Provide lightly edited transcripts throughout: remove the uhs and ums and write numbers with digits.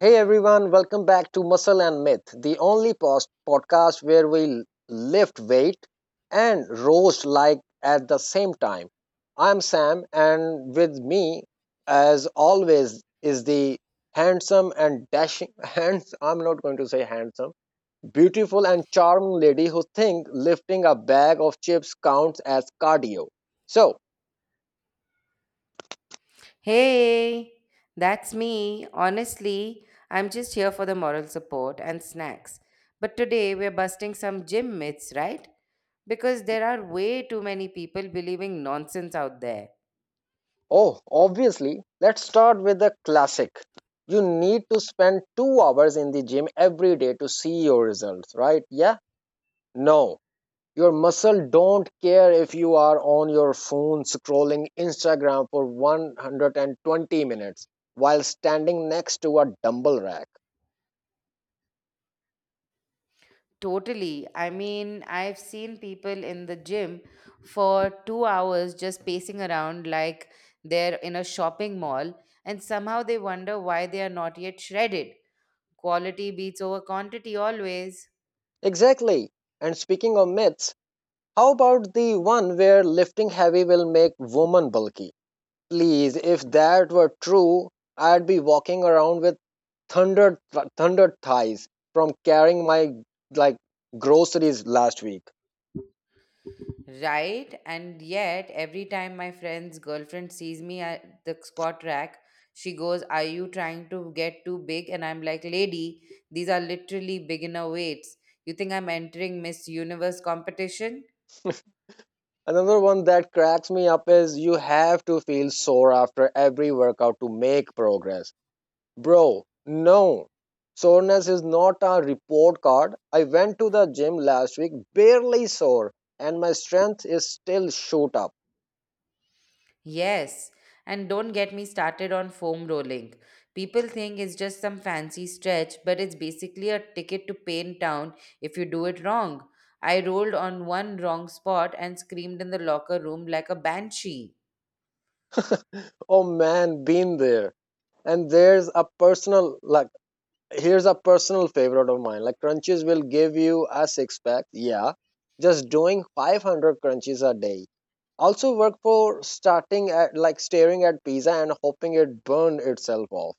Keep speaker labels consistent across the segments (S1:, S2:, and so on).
S1: Hey everyone, welcome back to Muscle and Myth, the only post podcast where we lift weight and roast like at the same time. I'm Sam, and with me, as always, is the handsome and dashing hands. I'm not going to say handsome, beautiful and charming lady who thinks lifting a bag of chips counts as cardio. So
S2: Hey, that's me. Honestly, I'm just here for the moral support and snacks. But today we're busting some gym myths, right? Because there are way too many people believing nonsense out there.
S1: oh, obviously, let's start with the classic. You need to spend 2 hours in the gym every day to see your results, right? Yeah? No. Your muscle don't care if you are on your phone scrolling Instagram for 120 minutes while standing next to a dumbbell rack.
S2: Totally. I mean, I've seen people in the gym for 2 hours just pacing around like they're in a shopping mall, and somehow they wonder why they are not yet shredded. Quality beats over quantity always.
S1: Exactly. And speaking of myths, how about the one where lifting heavy will make women bulky? Please, if that were true, I'd be walking around with thunder thighs from carrying my like groceries last week.
S2: Right? And yet, every time my friend's girlfriend sees me at the squat rack, she goes, Are you trying to get too big? And I'm like, Lady, these are literally beginner weights. You think I'm entering Miss Universe competition?
S1: Another one that cracks me up is you have to feel sore after every workout to make progress. Bro, no. Soreness is not a report card. I went to the gym last week barely sore and my strength is still shoot up.
S2: Yes. And don't get me started on foam rolling. People think it's just some fancy stretch, but it's basically a ticket to Pain Town if you do it wrong. I rolled on one wrong spot and screamed in the locker room like a banshee.
S1: Oh man, been there. And there's a personal like Here's a personal favorite of mine. Like crunches will give you a six pack. Yeah. Just doing 500 crunches a day. Also work for starting at like staring at pizza and hoping it burn itself off.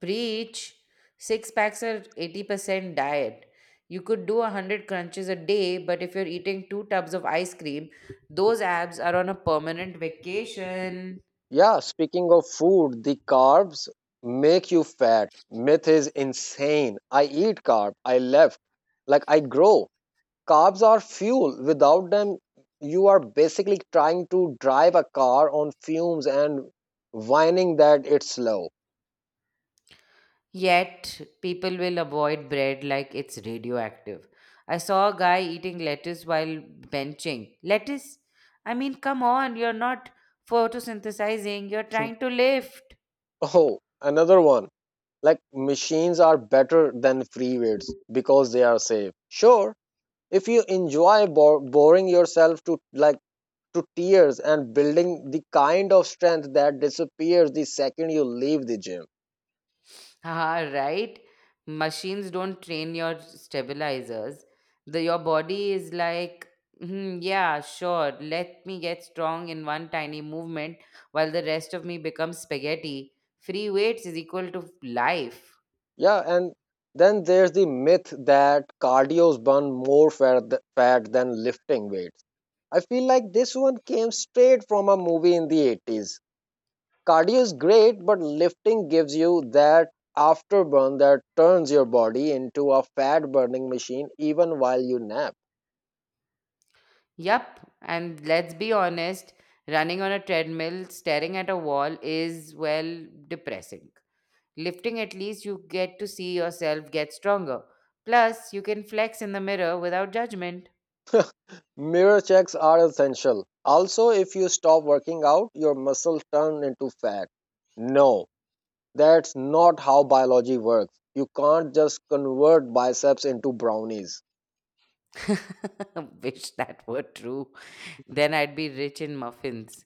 S2: Preach. Six packs are 80% diet. You could do 100 crunches a day, but if you're eating two tubs of ice cream, those abs are on a permanent vacation.
S1: Yeah, speaking of food, the carbs make you fat. Myth is insane. I eat carb, I left. Like I grow. Carbs are fuel. Without them, you are basically trying to drive a car on fumes and whining that it's slow.
S2: Yet, people will avoid bread like it's radioactive. I saw a guy eating lettuce while benching. Lettuce? I mean, come on, you're not photosynthesizing, you're trying to lift.
S1: Oh, another one. Like machines are better than freewares because they are safe. Sure, if you enjoy boring yourself to like to tears and building the kind of strength that disappears the second you leave the gym.
S2: Haha, right? Machines don't train your stabilizers. Your body is like, "Hmm, yeah, sure, let me get strong in one tiny movement while the rest of me becomes spaghetti. Free weights is equal to life.
S1: Yeah, and then there's the myth that cardio's burn more fat, fat than lifting weights. I feel like this one came straight from a movie in the 80s. Cardio is great, but lifting gives you that afterburn that turns your body into a fat burning machine even while you nap.
S2: Yup, and let's be honest, running on a treadmill, staring at a wall is, well, depressing. Lifting, at least you get to see yourself get stronger. Plus, you can flex in the mirror without judgment.
S1: Mirror checks are essential. Also, if you stop working out, your muscles turn into fat. No, that's not how biology works. You can't just convert biceps into brownies.
S2: Wish that were true. Then I'd be rich in muffins.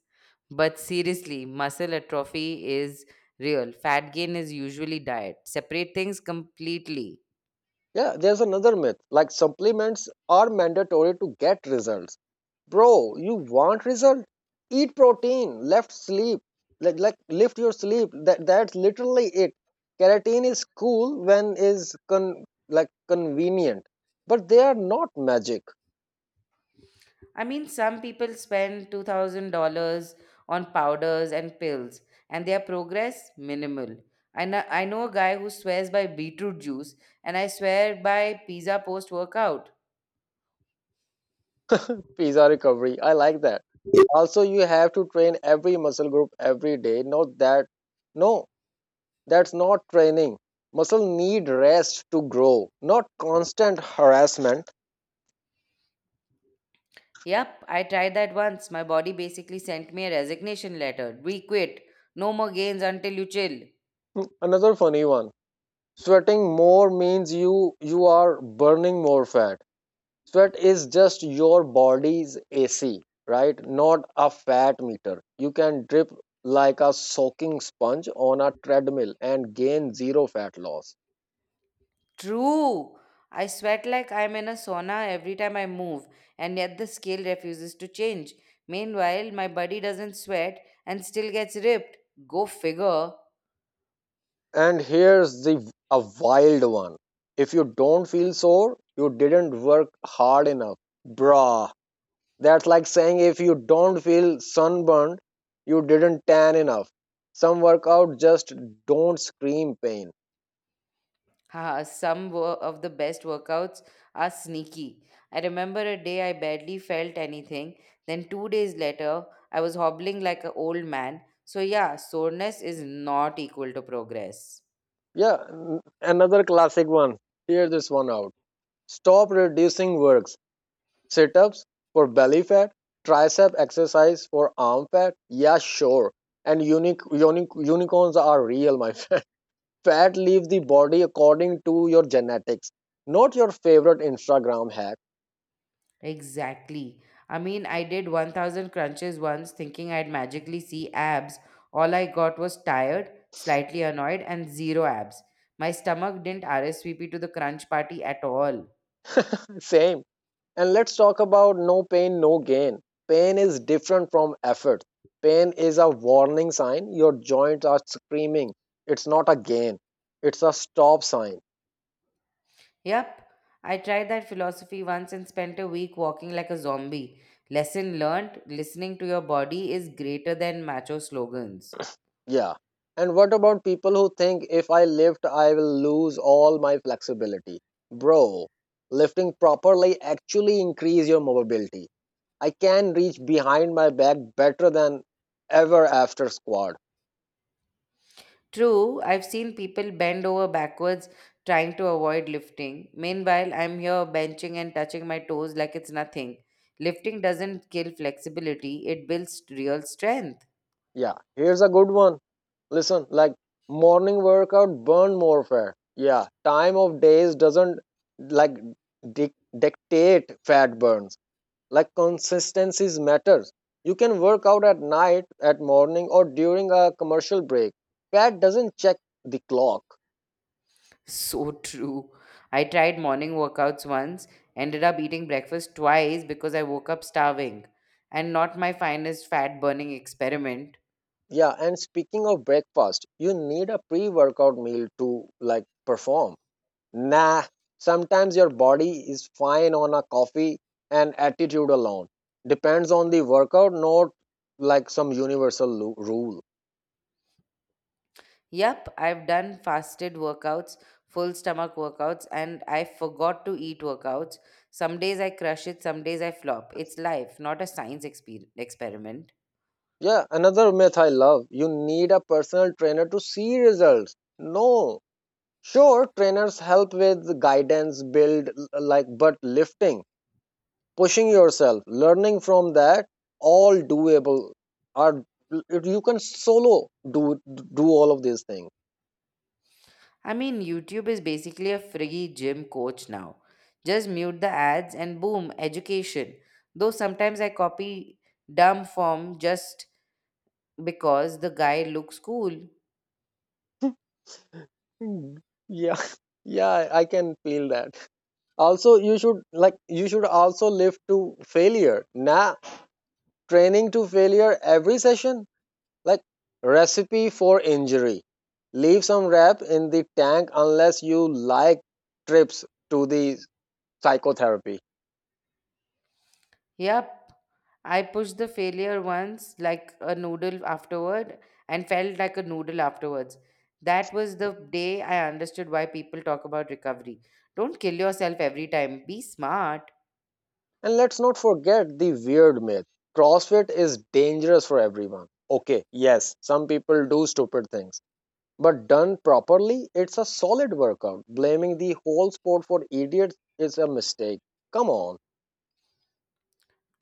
S2: But seriously, muscle atrophy is real. Fat gain is usually diet. Separate things completely.
S1: Yeah, there's another myth. Like supplements are mandatory to get results. Bro, you want result? Eat protein, left sleep, like lift your sleep. That's literally it. Keratin is cool when is con like convenient, but they are not magic.
S2: I mean, some people spend $2,000 on powders and pills, and their progress minimal. I know a guy who swears by beetroot juice, and I swear by pizza post workout.
S1: Pizza recovery. I like that. Also, you have to train every muscle group every day. Not that no, that's not training. Muscle need rest to grow, not constant harassment.
S2: Yep, I tried that once. My body basically sent me a resignation letter. We quit. No more gains until you chill.
S1: Another funny one. Sweating more means you are burning more fat. Sweat is just your body's AC, right? Not a fat meter. You can drip like a soaking sponge on a treadmill and gain zero fat loss.
S2: True. I sweat like I'm in a sauna every time I move, and yet the scale refuses to change. Meanwhile, my body doesn't sweat and still gets ripped. Go figure.
S1: And here's the a wild one. If you don't feel sore, you didn't work hard enough. Bruh, that's like saying if you don't feel sunburned, you didn't tan enough. Some workout just don't scream pain.
S2: Haha, of the best workouts are sneaky. I remember a day I barely felt anything. Then, 2 days later, I was hobbling like an old man. So, yeah, soreness is not equal to progress.
S1: Yeah, another classic one. Hear this one out. Stop reducing works. Sit ups for belly fat, tricep exercise for arm fat. Yeah, sure. And unique unicorns are real, my friend. Fat leaves the body according to your genetics, not your favorite Instagram hack.
S2: Exactly. I mean, I did 1,000 crunches once thinking I'd magically see abs. All I got was tired, slightly annoyed, and zero abs. My stomach didn't RSVP to the crunch party at all.
S1: Same. And let's talk about no pain, no gain. Pain is different from effort. Pain is a warning sign. Your joints are screaming. It's not a gain, it's a stop sign.
S2: Yep, I tried that philosophy once and spent a week walking like a zombie. Lesson learned listening to your body is greater than macho slogans.
S1: Yeah. And what about people who think if I lift, I will lose all my flexibility? Bro, lifting properly actually increase your mobility. I can reach behind my back better than ever after squat.
S2: True, I've seen people bend over backwards trying to avoid lifting. Meanwhile, I'm here benching and touching my toes like it's nothing. Lifting doesn't kill flexibility, it builds real strength.
S1: Yeah, here's a good one. Listen, like morning workout burn more fat. Yeah, time of days doesn't like dictate fat burns. Like consistencies matters. You can work out at night, at morning, or during a commercial break. Fat doesn't check the clock.
S2: So true. I tried morning workouts once, ended up eating breakfast twice because I woke up starving, and not my finest fat burning experiment.
S1: Yeah, and speaking of breakfast, you need a pre-workout meal to like perform. Nah, sometimes your body is fine on a coffee and attitude alone. Depends on the workout, not like some universal rule.
S2: Yep, I've done fasted workouts, full stomach workouts, and I forgot to eat workouts. Some days I crush it, some days I flop. It's life, not a science experiment.
S1: Yeah, another myth I love you need a personal trainer to see results. No, sure, trainers help with guidance, build, like, but lifting, pushing yourself, learning from that, all doable. Are you can solo do all of these things.
S2: I mean, YouTube is basically a free gym coach now. Just mute the ads and boom, education. Though sometimes I copy dumb form just because the guy looks cool.
S1: Mm. Yeah, yeah, I can feel that. Also, you should also live to failure. Nah, training to failure every session. Like recipe for injury. Leave some rep in the tank unless you like trips to the psychotherapy.
S2: Yep, I pushed the failure once like a noodle afterward and felt like a noodle afterwards. That was the day I understood why people talk about recovery. Don't kill yourself every time, be smart.
S1: And let's not forget the weird myth. CrossFit is dangerous for everyone. Okay, yes, some people do stupid things. But done properly, it's a solid workout. Blaming the whole sport for idiots is a mistake. Come on.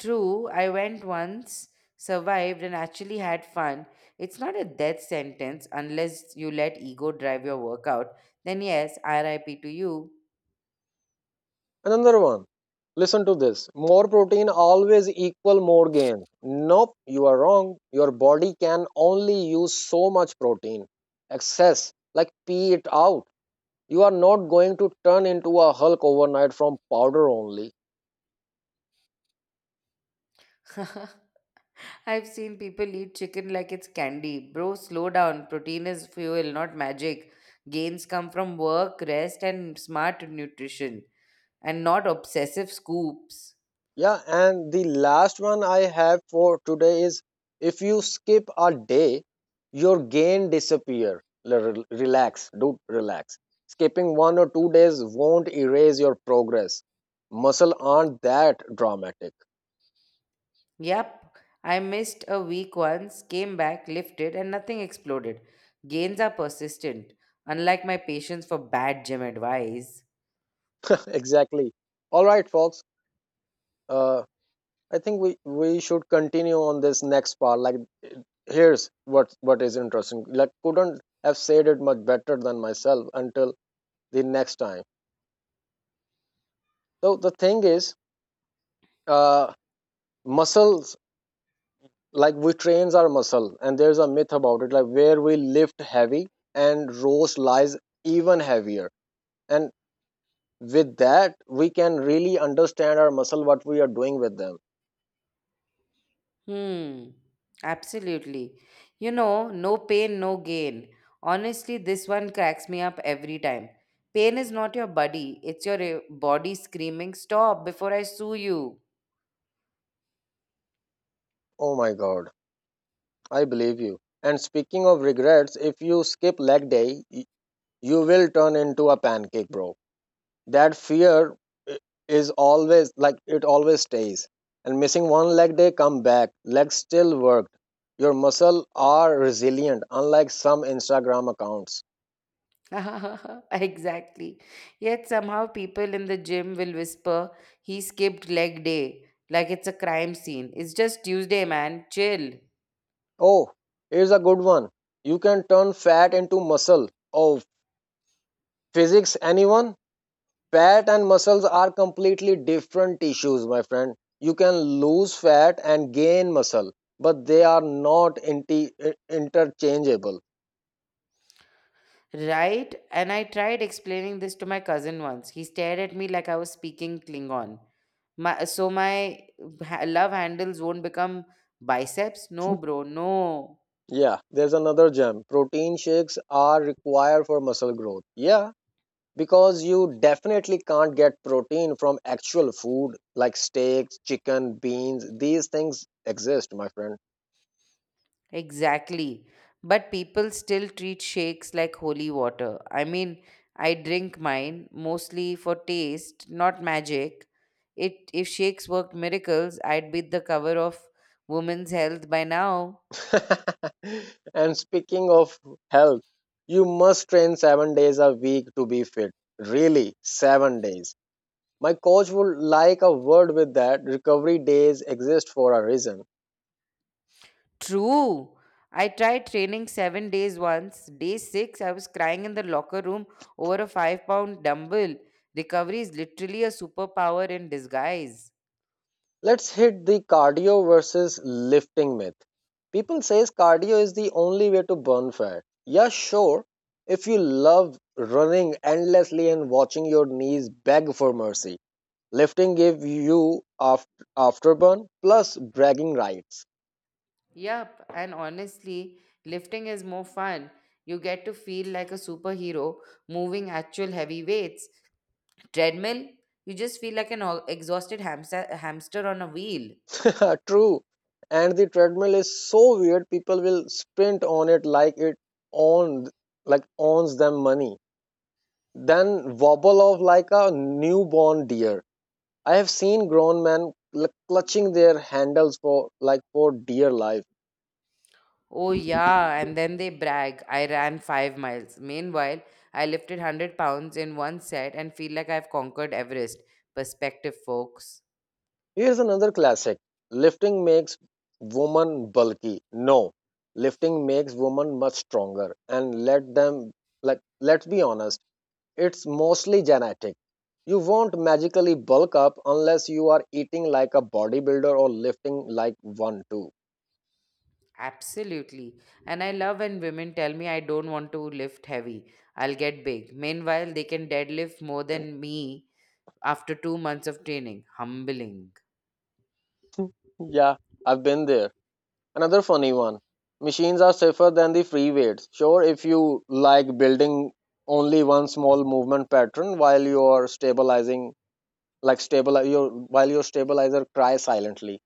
S2: True, I went once, survived, and actually had fun. It's not a death sentence unless you let ego drive your workout. Then, yes, RIP to you.
S1: Another one. Listen to this. More protein always equal more gain. Nope, you are wrong. Your body can only use so much protein. Excess, like pee it out. You are not going to turn into a Hulk overnight from powder only.
S2: I've seen people eat chicken like it's candy. Bro, slow down. Protein is fuel, not magic. Gains come from work, rest, and smart nutrition, and not obsessive scoops.
S1: Yeah, and the last one I have for today is if you skip a day, your gain disappear. Relax, dude. Relax. Skipping 1 or 2 days won't erase your progress. Muscle aren't that dramatic.
S2: Yep, I missed a week once, came back, lifted, and nothing exploded. Gains are persistent, unlike my patience for bad gym advice.
S1: exactly. All right, folks. Uh, I think we should continue on this next part. Like, here's what is interesting. Like, couldn't have said it much better than myself until the next time. So the thing is. Uh, Muscles like we trains our muscle and there's a myth about it like where we lift heavy and rows lies even heavier and with that we can really understand our muscle what we are doing with them.
S2: Hmm, absolutely. You know, no pain, no gain. Honestly, this one cracks me up every time. Pain is not your buddy, it's your eh, body screaming, Stop before I sue you.
S1: Oh my god, I believe you. And speaking of regrets, if you skip leg day, you will turn into a pancake, bro. That fear, i- is always like it always stays. And missing one leg day, come back, legs still worked. Your muscle are resilient, unlike some Instagram accounts.
S2: Exactly. Yet somehow people in the gym will whisper, he skipped leg day, like it's a crime scene. It's just Tuesday, man. Chill.
S1: Oh, here's a good one. You can turn fat into muscle. Oh, physics, anyone? Fat and muscles are completely different tissues, my friend. You can lose fat and gain muscle, but they are not interchangeable.
S2: Right? And I tried explaining this to my cousin once. He stared at me like I was speaking Klingon. My love handles won't become biceps? No, bro, no.
S1: Yeah, there's another gem. Protein shakes are required for muscle growth. Yeah, because you definitely can't get protein from actual food like steaks, chicken, beans. These things exist, my friend.
S2: Exactly. But people still treat shakes like holy water. I mean, I drink mine mostly for taste, not magic. It if shakes worked miracles, I'd be the cover of Women's Health by now.
S1: And speaking of health, you must train 7 days a week to be fit. Really, 7 days. My coach would like a word with that. Recovery days exist for a reason.
S2: True. I tried training 7 days once. Day six, I was crying in the locker room over a 5 pound dumbbell. Recovery is literally a superpower in disguise.
S1: Let's hit the cardio versus lifting myth. People says cardio is the only way to burn fat. Yeah, sure. If you love running endlessly and watching your knees beg for mercy, lifting give you afterburn plus bragging rights.
S2: Yup, and honestly, lifting is more fun. You get to feel like a superhero moving actual heavy weights. Treadmill, you just feel like an exhausted hamster on a wheel.
S1: True. And the treadmill is so weird people will sprint on it like it owned like owns them money. Then wobble off like a newborn deer. I have seen grown men clutching their handles for for dear life.
S2: Oh, yeah, and then they brag, I ran 5 miles. Meanwhile, I lifted 100 pounds in one set and feel like I've conquered Everest. Perspective, folks.
S1: Here's another classic. Lifting makes woman bulky. No. Lifting makes woman much stronger and let them like let's be honest, it's mostly genetic. You won't magically bulk up unless you are eating like a bodybuilder or lifting like one too.
S2: Absolutely. And I love when women tell me I don't want to lift heavy. I'll get big. Meanwhile, they can deadlift more than me after 2 months of training. Humbling.
S1: Yeah, I've been there. Another funny one. Machines are safer than the free weights. Sure, if you like building only one small movement pattern while you're stabilizing, like stabilize your while your stabilizer cries silently.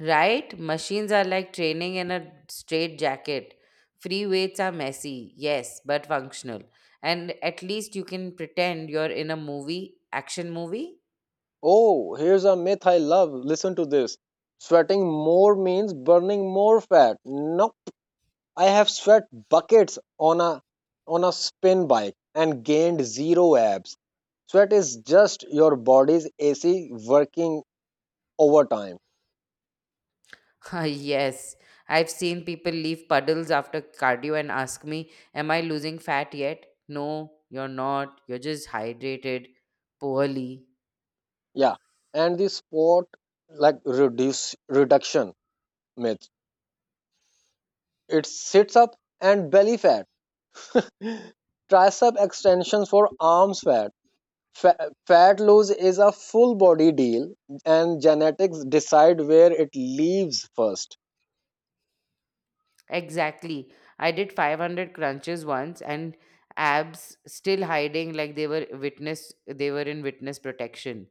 S2: Right? Machines are like training in a straight jacket. Free weights are messy, yes, but functional. And at least you can pretend you're in a movie, action movie.
S1: Oh, here's a myth I love. Listen to this. Sweating more means burning more fat. Nope, I have sweat buckets on a spin bike and gained zero abs. Sweat is just your body's AC working overtime.
S2: yes, I've seen people leave puddles after cardio and ask me, Am I losing fat yet? No, you're not. You're just hydrated poorly.
S1: Yeah, and the sport like reduce reduction myth. It sits up and belly fat, tricep extensions for arms fat. Fat loss is a full body deal, and genetics decide where it leaves first.
S2: Exactly. I did 500 crunches once and abs still hiding like they were in witness protection.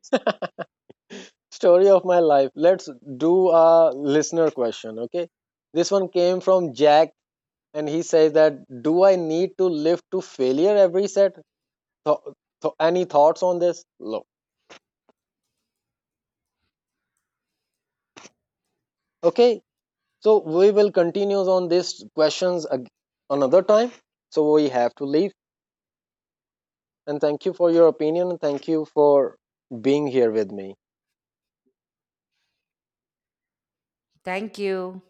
S1: Story of my life. Let's do a listener question. Okay, this one came from Jack, and he says that do I need to lift to failure every set? Th- any thoughts on this? No. Okay, so we will continue on these questions another time. So we have to leave. And thank you for your opinion. And thank you for being here with me.
S2: Thank you.